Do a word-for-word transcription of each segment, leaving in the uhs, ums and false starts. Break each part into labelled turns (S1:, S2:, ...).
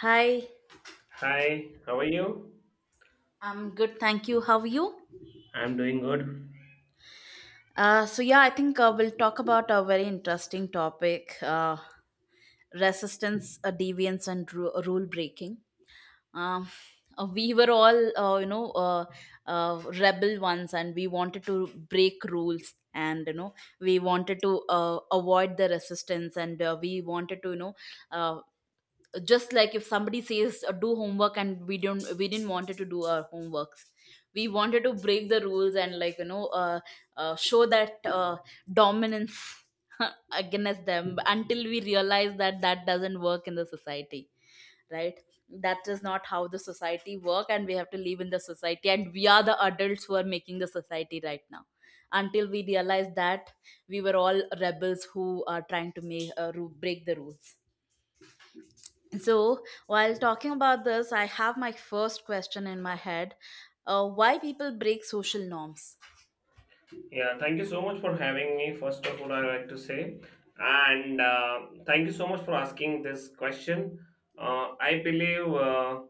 S1: Hi,
S2: Hi, how are you?
S1: I'm good, thank you. How are you?
S2: I'm doing good.
S1: Uh, so yeah, I think uh, we'll talk about a very interesting topic: uh, resistance, uh, deviance, and ru- rule breaking. Um, uh, we were all, uh, you know, uh, uh, rebel ones, and we wanted to break rules, and you know, we wanted to uh, avoid the resistance, and uh, we wanted to, you know, uh, just like if somebody says uh, do homework, and we don't we didn't wanted to do our homeworks. We wanted to break the rules, and like you know uh, uh, show that uh, dominance against them, until we realize that that doesn't work in the society, right? That is not how the society work, and we have to live in the society, and we are the adults who are making the society right now. Until we realize that, we were all rebels who are trying to make uh, ru- break the rules. So, while talking about this, I have my first question in my head. Uh, why people break social norms?
S2: Yeah, thank you so much for having me. First of all, I'd like to say, and uh, thank you so much for asking this question. Uh, I believe uh,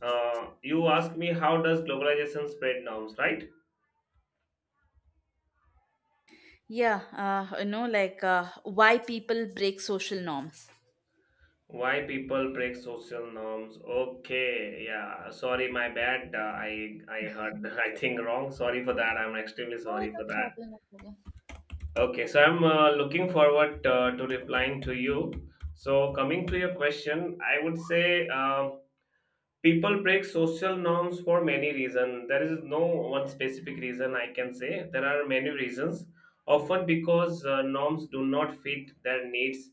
S2: uh, you asked me how does globalization spread norms, right?
S1: Yeah, uh, you know, like uh, why people break social norms?
S2: Why people break social norms? Okay, yeah. Sorry, my bad. Uh, I I heard I think wrong. Sorry for that. I'm extremely
S1: Oh,
S2: sorry
S1: no
S2: for that.
S1: problem, no problem.
S2: Okay, so I'm uh, looking forward uh, to replying to you. So, coming to your question, I would say um people break social norms for many reasons. There is no one specific reason I can say. There are many reasons, often because uh, norms do not fit their needs,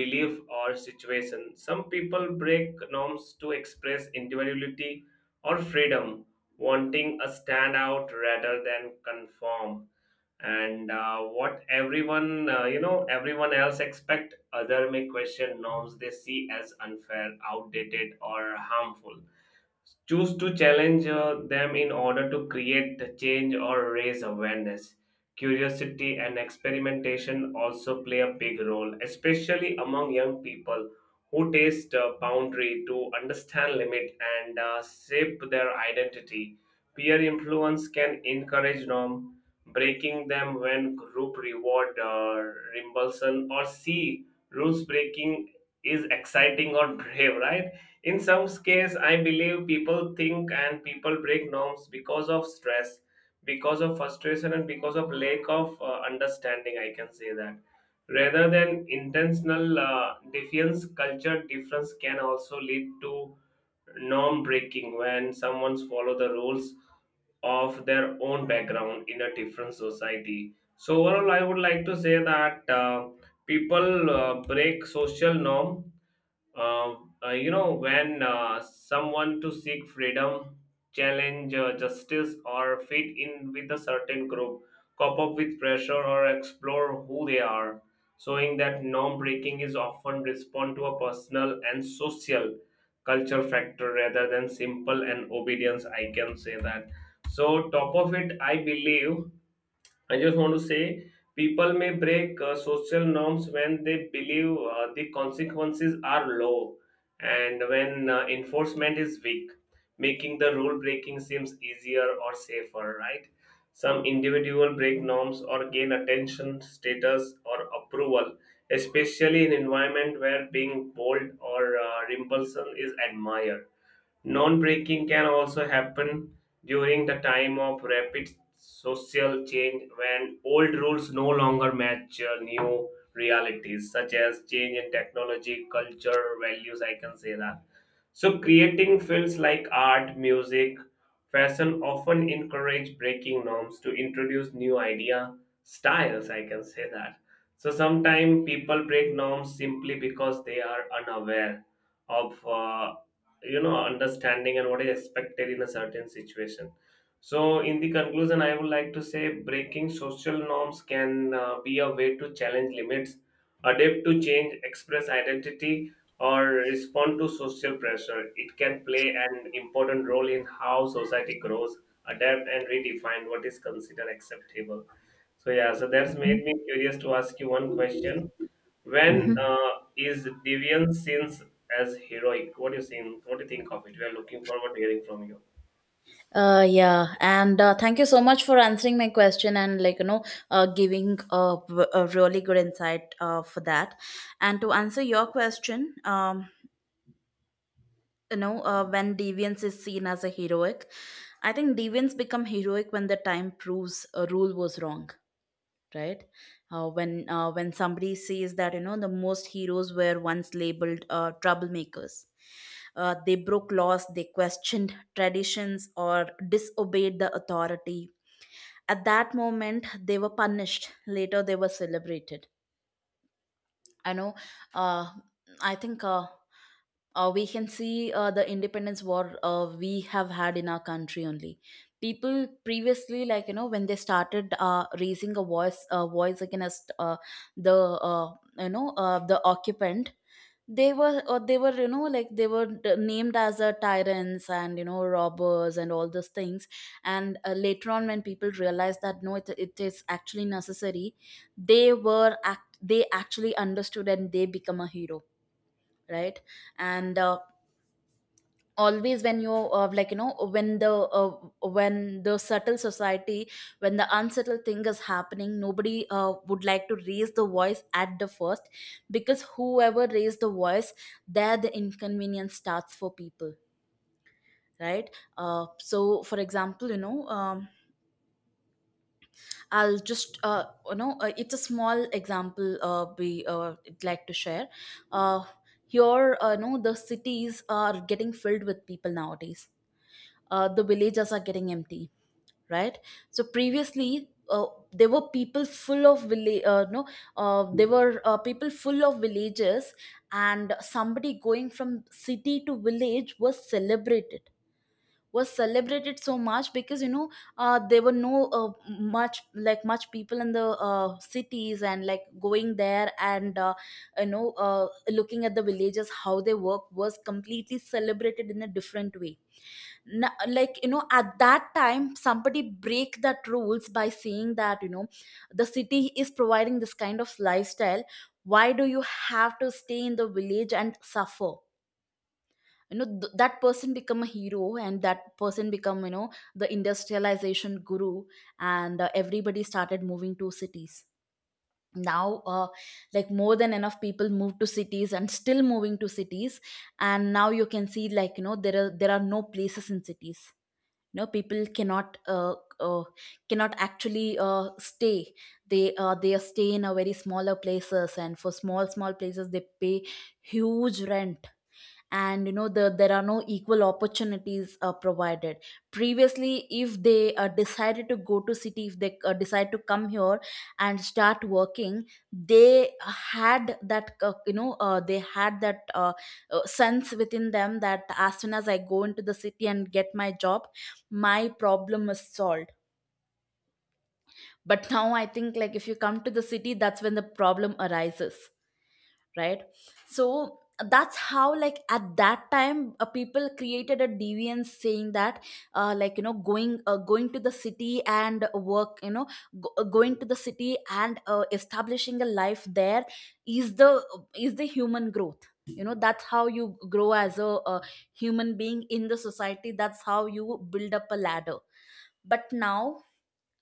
S2: belief, or situation. Some people break norms to express individuality or freedom, wanting a standout rather than conform, and uh, what everyone, uh, you know everyone else expect. Other may question norms they see as unfair, outdated, or harmful, choose to challenge uh, them in order to create the change or raise awareness. Curiosity and experimentation also play a big role, especially among young people who taste uh, boundary to understand limit and uh, shape their identity. Peer influence can encourage norm breaking them when group reward, uh, reimbursement, or see rules breaking is exciting or brave, right? In some cases, I believe people think and people break norms because of stress, because of frustration, and because of lack of uh, understanding, I can say that, rather than intentional uh, defiance. Culture difference can also lead to norm breaking when someone's follow the rules of their own background in a different society. So overall, I would like to say that uh, people uh, break social norm um, uh, you know, when uh, someone to seek freedom, challenge uh, justice, or fit in with a certain group, cope up with pressure, or explore who they are, showing that norm breaking is often respond to a personal and social culture factor rather than simple and obedience. I can say that. So, top of it, I believe I just want to say people may break uh, social norms when they believe uh, the consequences are low and when uh, enforcement is weak, making the rule breaking seems easier or safer, right? Some individual break norms or gain attention, status, or approval, especially in environment where being bold or uh, impulsive is admired. Non-breaking can also happen during the time of rapid social change when old rules no longer match uh, new realities, such as change in technology, culture, values. I can say that. So creating fields like art, music, fashion often encourage breaking norms to introduce new idea styles. I can say that. So sometimes people break norms simply because they are unaware of uh, you know understanding and what is expected in a certain situation. So in the conclusion, I would like to say breaking social norms can uh, be a way to challenge limits, adapt to change, express identity, or respond to social pressure. It can play an important role in how society grows, adapt, and redefine what is considered acceptable. So yeah, so that's made me curious to ask you one question. When uh, is deviance sins as heroic? What do you think? What do you think of it? We are looking forward to hearing from you.
S1: Uh, yeah, and uh, thank you so much for answering my question, and like you know, uh, giving a, a really good insight uh, for that. And to answer your question, um, you know, uh, when deviance is seen as a heroic, I think deviance become heroic when the time proves a rule was wrong, right? Uh, when uh, when somebody says that, you know, the most heroes were once labeled uh, troublemakers. Uh, they broke laws, they questioned traditions, or disobeyed the authority. At that moment they were punished, later they were celebrated. I know. Uh, I think uh, uh, We can see uh, the independence war uh, we have had in our country only. People previously, like you know, when they started uh, raising a voice uh, voice against uh, the uh, you know, uh, the occupant, they were uh, they were, you know, like they were d- named as uh, tyrants, and you know, robbers, and all those things. And uh, later on, when people realized that no, it, it is actually necessary, they were act they actually understood, and they become a hero, right? And uh, always when you uh, like you know, when the uh, when the subtle society, when the unsettled thing is happening, nobody uh, would like to raise the voice at the first, because whoever raised the voice, there the inconvenience starts for people, right? Uh, so for example, you know, um, I'll just uh, you know, uh, it's a small example, uh, we uh, would like to share. Uh, here uh, you know, the cities are getting filled with people nowadays, uh, the villages are getting empty, right? So previously, uh, there were people full of village uh, no uh, there were uh, people full of villages, and somebody going from city to village was celebrated, was celebrated so much, because you know, uh, there were no uh, much like much people in the uh, cities, and like going there and uh, you know uh, looking at the villages, how they work was completely celebrated in a different way. Na- like you know, at that time, somebody break that rules by saying that, you know, the city is providing this kind of lifestyle, why do you have to stay in the village and suffer? You know, th- that person become a hero, and that person become, you know, the industrialization guru, and uh, everybody started moving to cities. Now uh, like more than enough people move to cities, and still moving to cities, and now you can see, like you know, there are there are no places in cities. You know, people cannot uh, uh, cannot actually uh, stay. They uh, they stay in a very smaller places, and for small small places they pay huge rent. And you know, the, there are no equal opportunities uh, provided. Previously, if they uh, decided to go to city, if they uh, decide to come here and start working, they had that uh, you know uh, they had that uh, uh, sense within them, that as soon as I go into the city and get my job, my problem is solved. But now I think, like if you come to the city, that's when the problem arises, right? So that's how, like at that time, uh, people created a deviance, saying that uh, like you know, going uh, going to the city and work, you know, go- uh, going to the city and uh, establishing a life there is the is the human growth. You know, that's how you grow as a, uh, human being in the society, that's how you build up a ladder. But now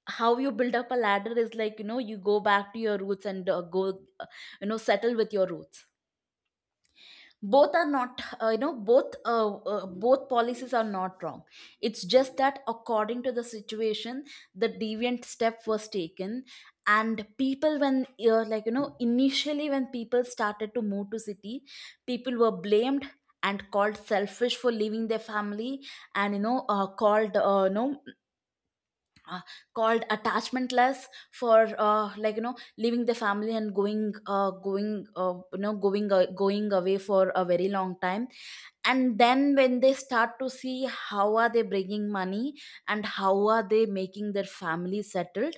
S1: how you build up a ladder is, like you know, you go back to your roots and uh, go uh, you know, settle with your roots. Both are not, uh, you know, both uh, uh, both policies are not wrong. It's just that according to the situation, the deviant step was taken. And people when uh, like you know, initially when people started to move to city, people were blamed and called selfish for leaving their family, and you know, uh, called uh, you know, uh, called attachmentless for uh, like you know, leaving the family and going uh, going uh, you know, going uh, going away for a very long time. And then when they start to see how are they bringing money, and how are they making their family settled,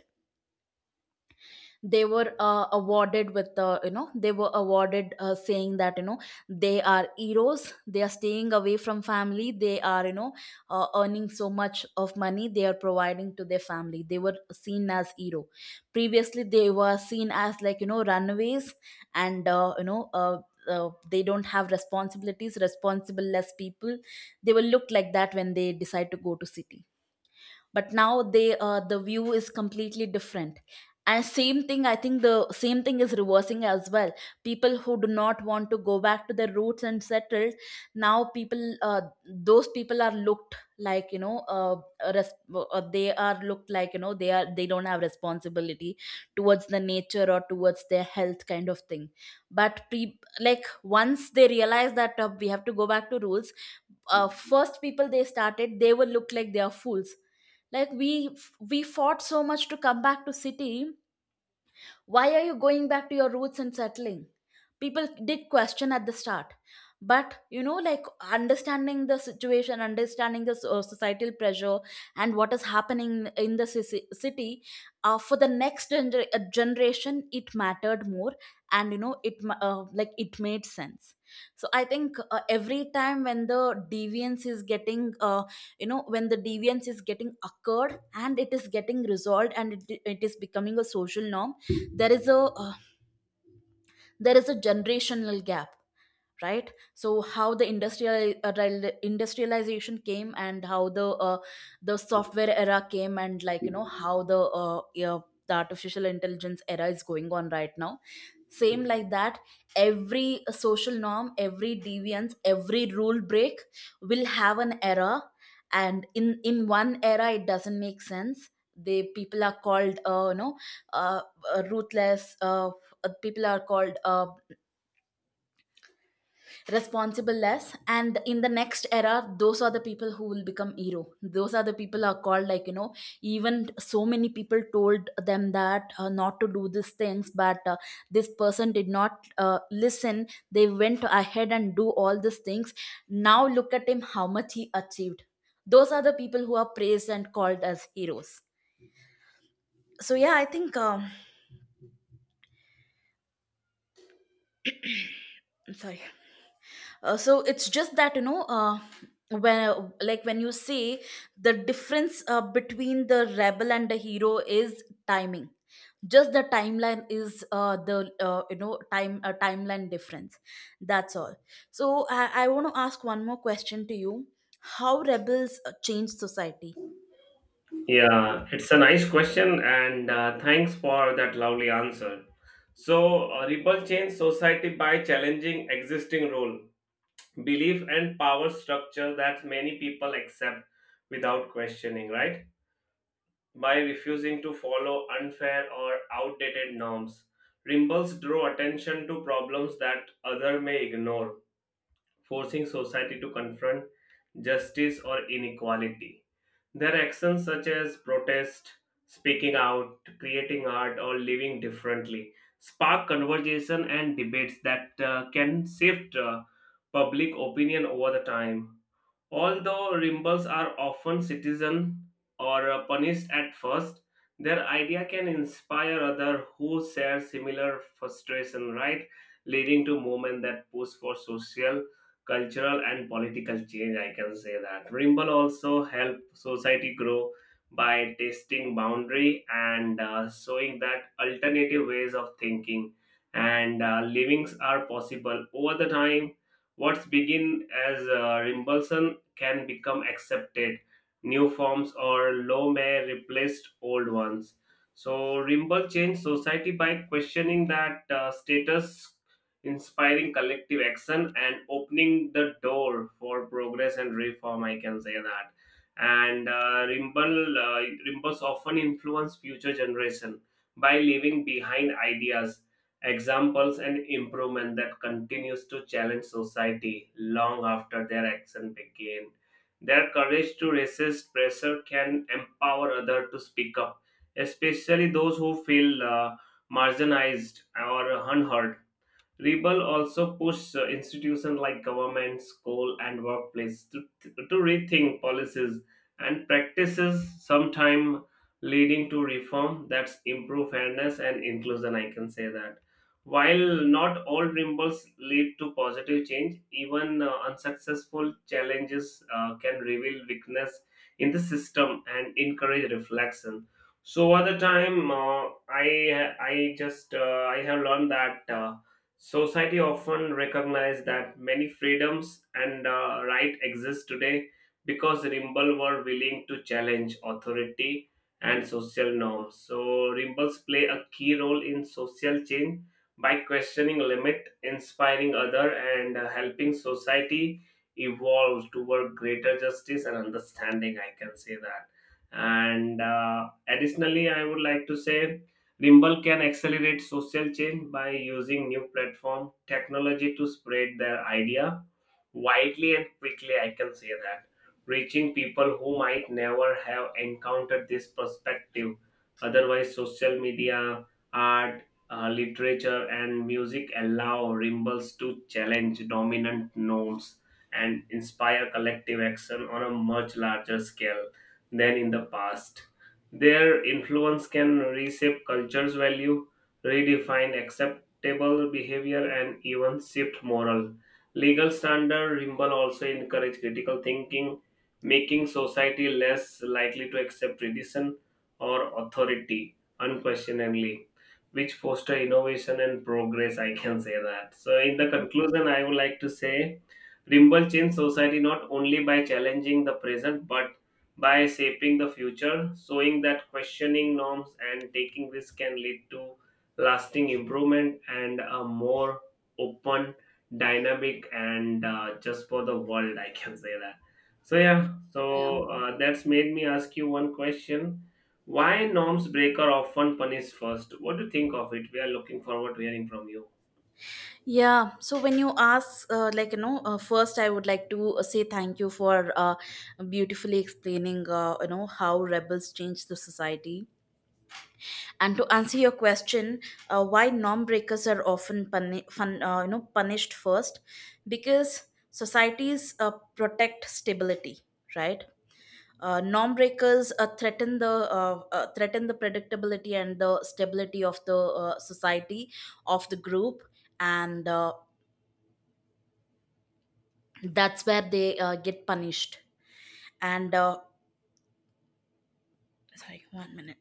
S1: they were uh, awarded with the, you know, they were awarded, uh, saying that you know, they are heroes, they are staying away from family, they are, you know, uh, earning so much of money, they are providing to their family. They were seen as hero. Previously they were seen as like, you know, runaways, and uh, you know uh, uh, they don't have responsibilities, responsible less people. They will look like that when they decide to go to city, but now they uh, the view is completely different. And same thing, I think the same thing is reversing as well. People who do not want to go back to their roots and settle, now people uh, those people are looked like you know, uh, res- uh, they are looked like, you know, they are, they don't have responsibility towards the nature or towards their health, kind of thing. But pre- like once they realize that uh, we have to go back to rules, uh, first people, they started, they will look like they are fools. Like, we we fought so much to come back to city, why are you going back to your roots and settling? People did question at the start. But, you know, like understanding the situation, understanding the so- societal pressure and what is happening in the ci- city, uh, for the next gener- uh, generation, it mattered more. And, you know, it ma- uh, like it made sense. So I think uh, every time when the deviance is getting uh, you know, when the deviance is getting occurred, and it is getting resolved, and it, it is becoming a social norm, there is a uh, there is a generational gap, right? So how the industrial uh, real- industrialization came, and how the uh, the software era came, and like you know, how the uh, yeah, the artificial intelligence era is going on right now. Same like that, every social norm, every deviance, every rule break will have an era. And in in one era it doesn't make sense, they people are called uh, you know uh, uh, ruthless, uh, uh, people are called uh, responsible less, and in the next era those are the people who will become hero. Those are the people are called, like you know, even so many people told them that uh, not to do these things, but uh, this person did not uh, listen, they went ahead and do all these things, now look at him, how much he achieved. Those are the people who are praised and called as heroes. So yeah, I think, um, I'm sorry. Uh, so it's just that, you know, uh, when like when you say, the difference uh, between the rebel and the hero is timing. Just the timeline is uh, the uh, you know, time uh, timeline difference, that's all. So i, I want to ask one more question to you. How rebels uh, change society?
S2: Yeah, it's a nice question, and uh, thanks for that lovely answer. So, uh, Ripple change society by challenging existing rule belief and power structure that many people accept without questioning, right? By refusing to follow unfair or outdated norms. Rimbals draw attention to problems that others may ignore, forcing society to confront justice or inequality. Their actions, such as protest, speaking out, creating art, or living differently, spark conversation and debates that uh, can shift uh, public opinion over the time. Although rebels are often citizen or uh, punished at first, their idea can inspire other who share similar frustration, right? Leading to movement that push for social, cultural, and political change. I can say that rebel also help society grow by testing boundary and uh, showing that alternative ways of thinking and uh, livings are possible over the time. What's begin as uh, rebellion can become accepted. New forms or law may replace old ones. So Rimbaud changed society by questioning that uh, status, inspiring collective action, and opening the door for progress and reform. I can say that. And uh, Rimbaud, uh, Rimbaud's often influenced future generation by leaving behind ideas, examples, and improvement that continues to challenge society long after their action begin. Their courage to resist pressure can empower others to speak up, especially those who feel uh, marginalized or unheard. Rebel also pushed uh, institutions like government, school, and workplace to, to rethink policies and practices, sometime leading to reform that's improve fairness and inclusion. I can say that. While not all rebels lead to positive change, even uh, unsuccessful challenges uh, can reveal weakness in the system and encourage reflection. So, over the time, uh, I I just uh, I have learned that. Uh, Society often recognizes that many freedoms and uh, rights exist today because Rimble were willing to challenge authority and social norms. So Rimbles play a key role in social change by questioning limit, inspiring other, and uh, helping society evolve toward greater justice and understanding. I can say that. And uh, additionally, I would like to say Rimble can accelerate social change by using new platform technology to spread their idea widely and quickly, I can say that, reaching people who might never have encountered this perspective. Otherwise, social media, art, uh, literature, and music allow rebels to challenge dominant norms and inspire collective action on a much larger scale than in the past. Their influence can reshape culture's value, redefine acceptable behavior, and even shift moral legal standard. Rimble also encourage critical thinking, making society less likely to accept tradition or authority unquestioningly, which foster innovation and progress. I can say that. So, in the conclusion, I would like to say Rimble changed society not only by challenging the present but by shaping the future, showing that questioning norms and taking risks can lead to lasting improvement and a more open, dynamic, and uh, just for the world. I can say that. So yeah,
S1: Yeah.
S2: so uh, that's made me ask you one question. Why norms breaker often punished first? What do you think of it? We are looking forward to hearing from you.
S1: Yeah, so when you ask, uh, like, you know, uh, first I would like to uh, say thank you for uh, beautifully explaining, uh, you know, how rebels change the society. And to answer your question, uh, why norm breakers are often puni- fun, uh, you know, punished first, because societies uh, protect stability, right? Uh, norm breakers uh, threaten the uh, uh, threaten the predictability and the stability of the uh, society of the group, and uh, that's where they uh, get punished. And uh, Sorry, one minute.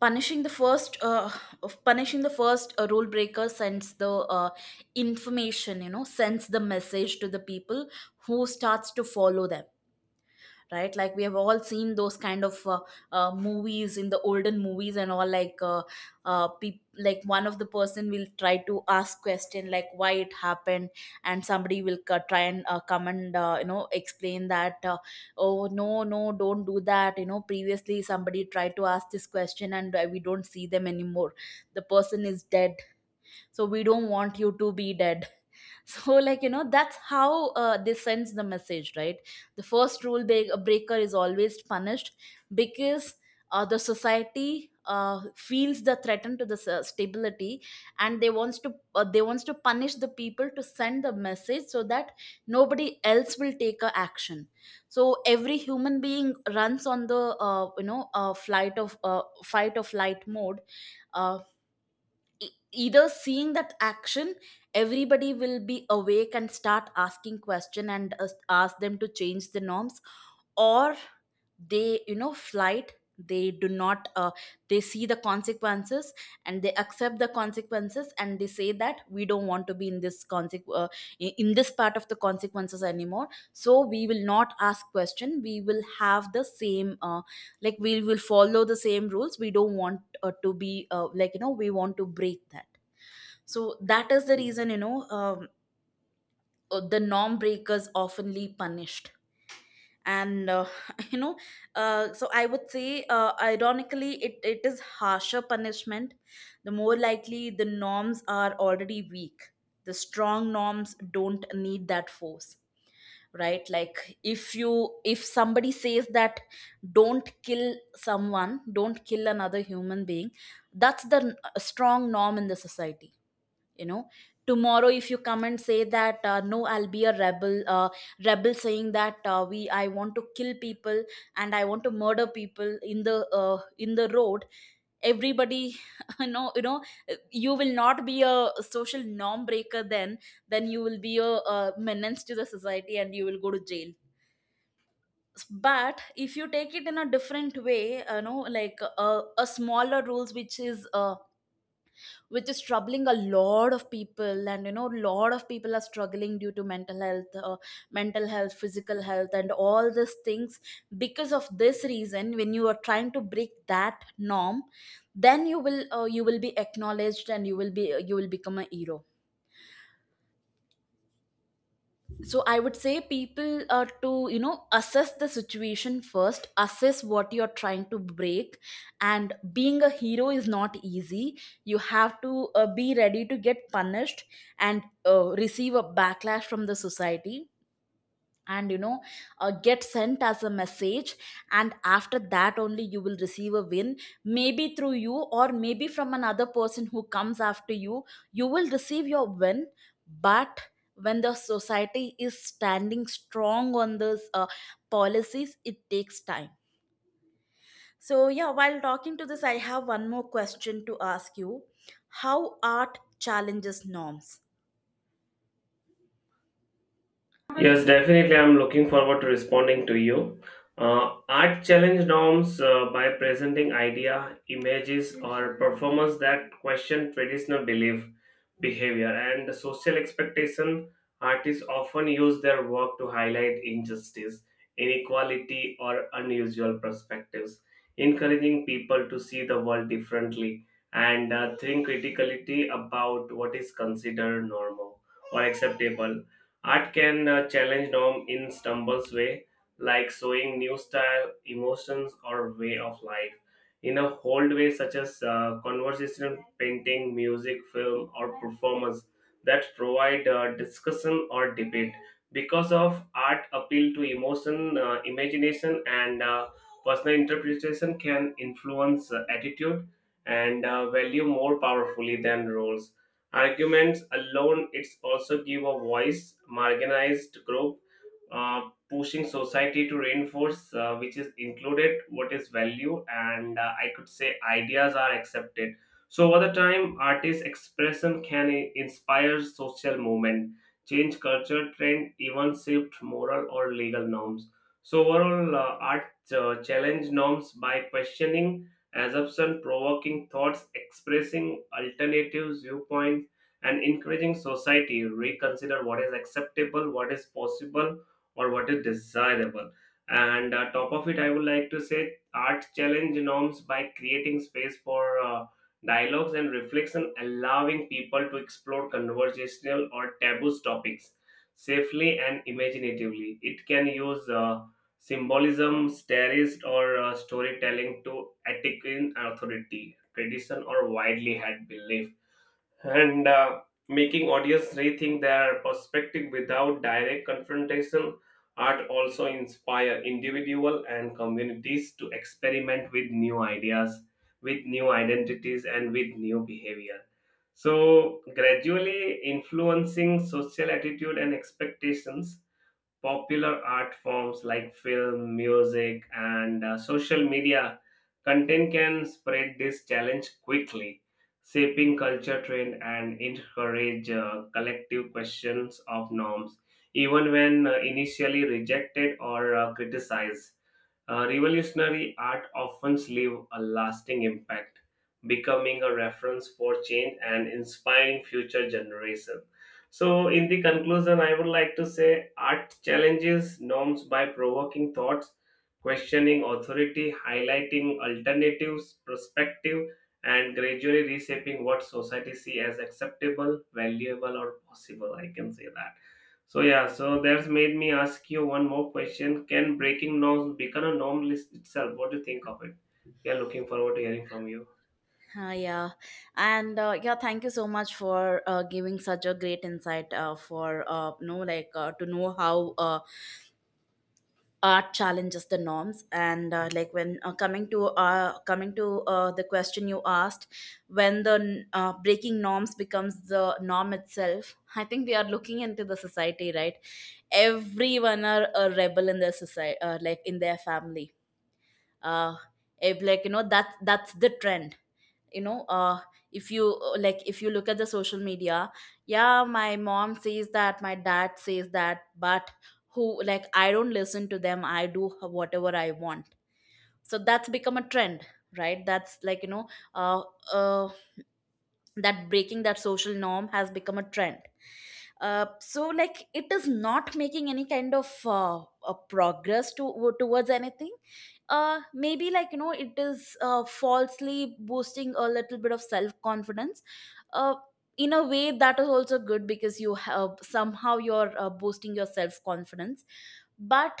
S1: punishing the first uh, of Punishing the first uh, rule breaker sends the uh, information you know sends the message to the people who starts to follow them, right? Like we have all seen those kind of uh, uh, movies, in the olden movies and all, like uh, uh, peop like one of the person will try to ask question, like why it happened, and somebody will c- try and uh, come and, uh, you know explain that, uh, oh, no, no, don't do that, you know, previously somebody tried to ask this question and uh, we don't see them anymore, the person is dead, so we don't want you to be dead. So, like, you know, that's how uh, they sends the message, right? The first rule break- breaker is always punished, because uh, the society uh, feels the threat to the s- stability, and they wants to uh, they wants to punish the people to send the message, so that nobody else will take a action. So every human being runs on the uh, you know uh, flight of, uh, fight or flight mode. uh, e- Either seeing that action, everybody will be awake and start asking question and us- ask them to change the norms, or they, you know, flight. They do not uh, they see the consequences and they accept the consequences, and they say that we don't want to be in this consequ- uh, i- in this part of the consequences anymore, so we will not ask question, we will have the same, uh, like we will follow the same rules, we don't want uh, to be uh, like, you know, we want to break that. So that is the reason, you know, um, uh, the norm breakers oftenly punished. And uh, you know, uh, so I would say, uh, ironically, it, it is harsher punishment the more likely the norms are already weak. The strong norms don't need that force, right? Like if you, if somebody says that don't kill someone, don't kill another human being, that's the n- strong norm in the society, you know. Tomorrow if you come and say that, uh, no, I'll be a rebel, uh, rebel saying that, uh, we I want to kill people and I want to murder people in the uh, in the road, everybody, you know, you know, you will not be a social norm breaker then then you will be a, a menace to the society, and you will go to jail. But if you take it in a different way, you know, like uh, a smaller rules, which is uh, which is troubling a lot of people, and you know, a lot of people are struggling due to mental health, uh, mental health, physical health, and all these things. Because of this reason, when you are trying to break that norm, then you will uh, you will be acknowledged, and you will be, you will become a hero. So I would say people, uh, to, you know, assess the situation first, assess what you're trying to break. And being a hero is not easy, you have to uh, be ready to get punished, and uh, receive a backlash from the society, and you know, uh, get sent as a message, and after that only you will receive a win. Maybe through you, or maybe from another person who comes after you, you will receive your win. But when the society is standing strong on those uh, policies, it takes time. So yeah, while talking to this, I have one more question to ask you. How art challenges norms?
S2: Yes, definitely, I'm looking forward to responding to you. Uh, art challenge norms uh, by presenting idea, images, or performance that question traditional belief, behavior, and social expectation. Artists often use their work to highlight injustice, inequality, or unusual perspectives, encouraging people to see the world differently and uh, think critically about what is considered normal or acceptable. Art can uh, challenge norm in stumbles way, like showing new style, emotions, or way of life in a hold way, such as uh, conversation, painting, music, film, or performance that provide uh, discussion or debate. Because of art appeal to emotion, uh, imagination, and uh, personal interpretation can influence uh, attitude and uh, value more powerfully than roles arguments alone. It's also give a voice marginalized group, uh, pushing society to reinforce uh, which is included, what is value, and uh, I could say ideas are accepted. So over the time, artist expression can i- inspire social movement, change culture trend, even shift moral or legal norms. So overall, uh, art uh, challenge norms by questioning assumption, provoking thoughts, expressing alternatives viewpoints, and encouraging society reconsider what is acceptable, what is possible, or what is desirable. And uh, top of it, I would like to say art challenge norms by creating space for uh, dialogues and reflection, allowing people to explore conversational or taboo topics safely and imaginatively. It can use uh, symbolism, stories, or uh, storytelling to attack in authority, tradition, or widely held belief, and uh, making audience rethink their perspective without direct confrontation. Art also inspire individual and communities to experiment with new ideas, with new identities, and with new behavior, so gradually influencing social attitude and expectations. Popular art forms like film, music, and uh, social media content can spread this challenge quickly, shaping culture trend and encourage uh, collective questions of norms, even when uh, initially rejected or uh, criticized. Uh, revolutionary art often leaves a lasting impact, becoming a reference for change and inspiring future generations. So, in the conclusion, I would like to say art challenges norms by provoking thoughts, questioning authority, highlighting alternatives, perspective, and gradually reshaping what society sees as acceptable, valuable, or possible. I can say that. So yeah, so that's made me ask you one more question. Can breaking norms become a norm list itself? What do you think of it? We are looking forward to hearing from you.
S1: Uh, yeah, and uh, yeah, thank you so much for uh, giving such a great insight, uh, for uh, you know, like uh, to know how uh, art challenges the norms. And uh, like, when uh, coming to uh, coming to uh, the question you asked, when the uh, breaking norms becomes the norm itself. I think we are looking into the society, right? Everyone are a rebel in their society, uh, like in their family. Uh, if, like, you know that that's the trend, you know. Uh if you uh, like, if you look at the social media, yeah, my mom says that, my dad says that, but who, like, I don't listen to them, I do whatever I want. So that's become a trend, right? That's like, you know, uh, uh that breaking that social norm has become a trend. Uh, so, like, it is not making any kind of uh, a progress to towards anything. Uh maybe, like, you know, it is uh, falsely boosting a little bit of self confidence, uh in a way that is also good, because you have somehow you're uh, boosting your self confidence. But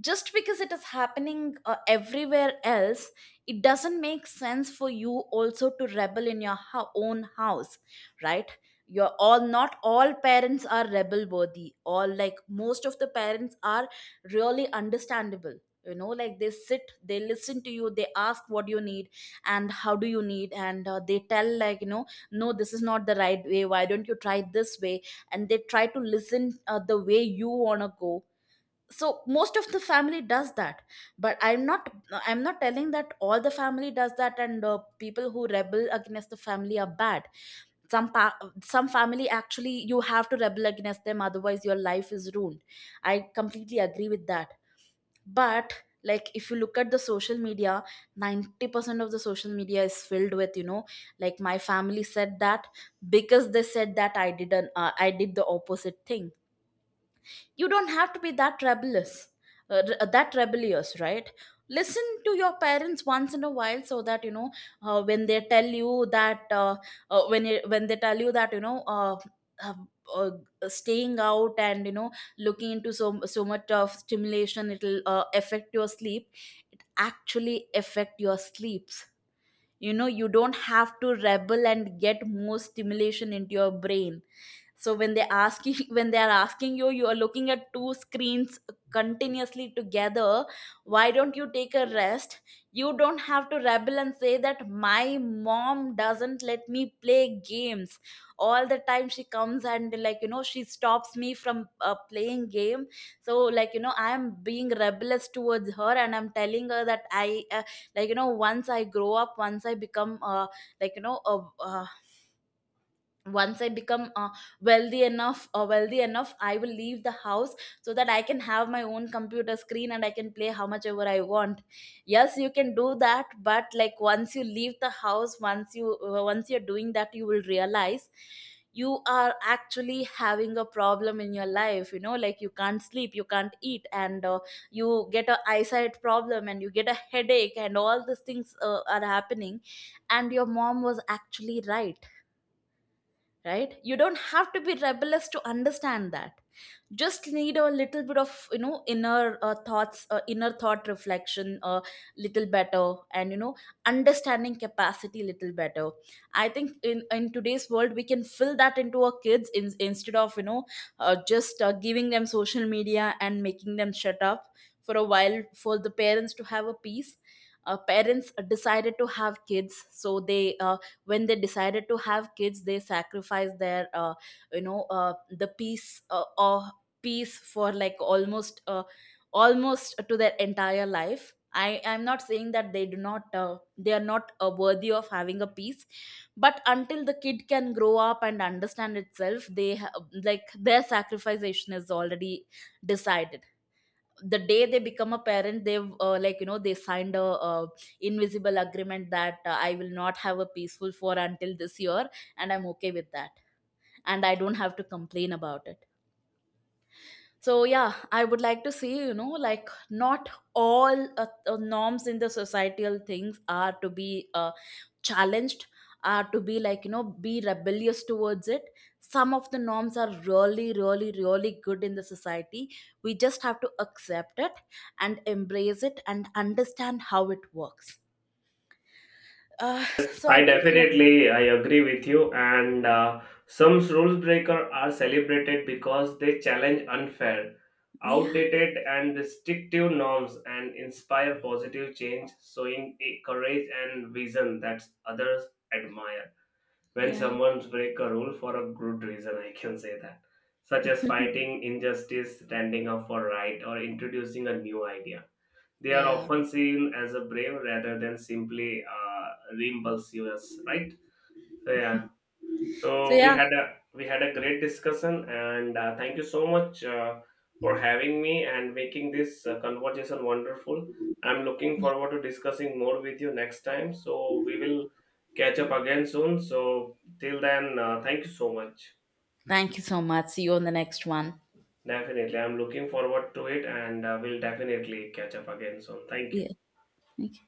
S1: just because it is happening uh, everywhere else, it doesn't make sense for you also to rebel in your ho- own house, right? You're all not all parents are rebel worthy, all, like, most of the parents are really understandable, you know, like, they sit, they listen to you, they ask what you need and how do you need, and uh, they tell, like, you know, no, this is not the right way, why don't you try this way, and they try to listen uh, the way you want to go. So most of the family does that. But I'm not, I'm not telling that all the family does that, and uh, people who rebel against the family are bad. some pa- some family, actually, you have to rebel against them, otherwise your life is ruined. I completely agree with that. But, like, if you look at the social media, ninety percent of the social media is filled with, you know, like, my family said that, because they said that, i did an uh, I did the opposite thing. You don't have to be that rebellious, uh, r- that rebellious, right? Listen to your parents once in a while, so that you know, uh, when they tell you that, uh, uh, when you, when they tell you that, you know, uh, uh, uh, staying out and, you know, looking into so so much of stimulation, it'll uh, affect your sleep. It actually affect your sleeps, you know. You don't have to rebel and get more stimulation into your brain. So when they ask you, when they are asking you, you are looking at two screens continuously together, why don't you take a rest? You don't have to rebel and say that, my mom doesn't let me play games all the time, she comes and, like, you know, she stops me from uh, playing game. So, like, you know, I am being rebellious towards her, and I'm telling her that, I uh, like, you know, once I grow up, once I become uh, like, you know, a, a once I become uh, wealthy enough, or wealthy enough, I will leave the house, so that I can have my own computer screen and I can play how much ever I want. Yes, you can do that, but like, once you leave the house, once you uh, once you're doing that, you will realize you are actually having a problem in your life, you know, like, you can't sleep, you can't eat, and uh, you get a eyesight problem, and you get a headache, and all these things uh, are happening, and your mom was actually right, right? You don't have to be rebellious to understand that. Just need a little bit of, you know, inner uh, thoughts uh, inner thought reflection a little better, and, you know, understanding capacity a little better. I think, in in today's world we can fill that into our kids, in, instead of, you know, uh, just uh, giving them social media and making them shut up for a while for the parents to have a peace. Uh, parents decided to have kids, so they uh, when they decided to have kids, they sacrificed their uh, you know uh, the peace, uh, or peace for like almost uh, almost to their entire life. I am not saying that they do not uh, they are not uh, worthy of having a peace, but until the kid can grow up and understand itself, they ha- like, their sacrifice is already decided the day they become a parent. They've uh, like, you know, they signed a, uh invisible agreement that, uh, I will not have a peaceful for until this year, and I'm okay with that, and I don't have to complain about it. So yeah, I would like to see, you know, like, not all uh, uh, norms in the societal things are to be uh, challenged, uh, to be, like, you know, be rebellious towards it. Some of the norms are really really really good in the society, we just have to accept it and embrace it and understand how it works. uh, so I
S2: I
S1: think.
S2: definitely I agree with you. And uh, some rules breaker are celebrated because they challenge unfair,
S1: Yeah.
S2: outdated, and restrictive norms and inspire positive change, showing a courage and vision that others admire. When
S1: Yeah.
S2: someone breaks a rule for a good reason, I can say that, such as fighting injustice, standing up for right, or introducing a new idea, they are
S1: Yeah.
S2: often seen as a brave rather than simply uh, impulsive, right? So yeah,
S1: So
S2: so we
S1: yeah,
S2: had a we had a great discussion, and uh, thank you so much uh, for having me and making this uh, conversation wonderful. I'm looking forward to discussing more with you next time. So we will catch up again soon. So till then, uh, thank you so much.
S1: thank you so much, see you on the next one.
S2: Definitely, I'm looking forward to it, and uh, we'll definitely catch up again soon. Thank
S1: Yeah.
S2: you.
S1: Thank you.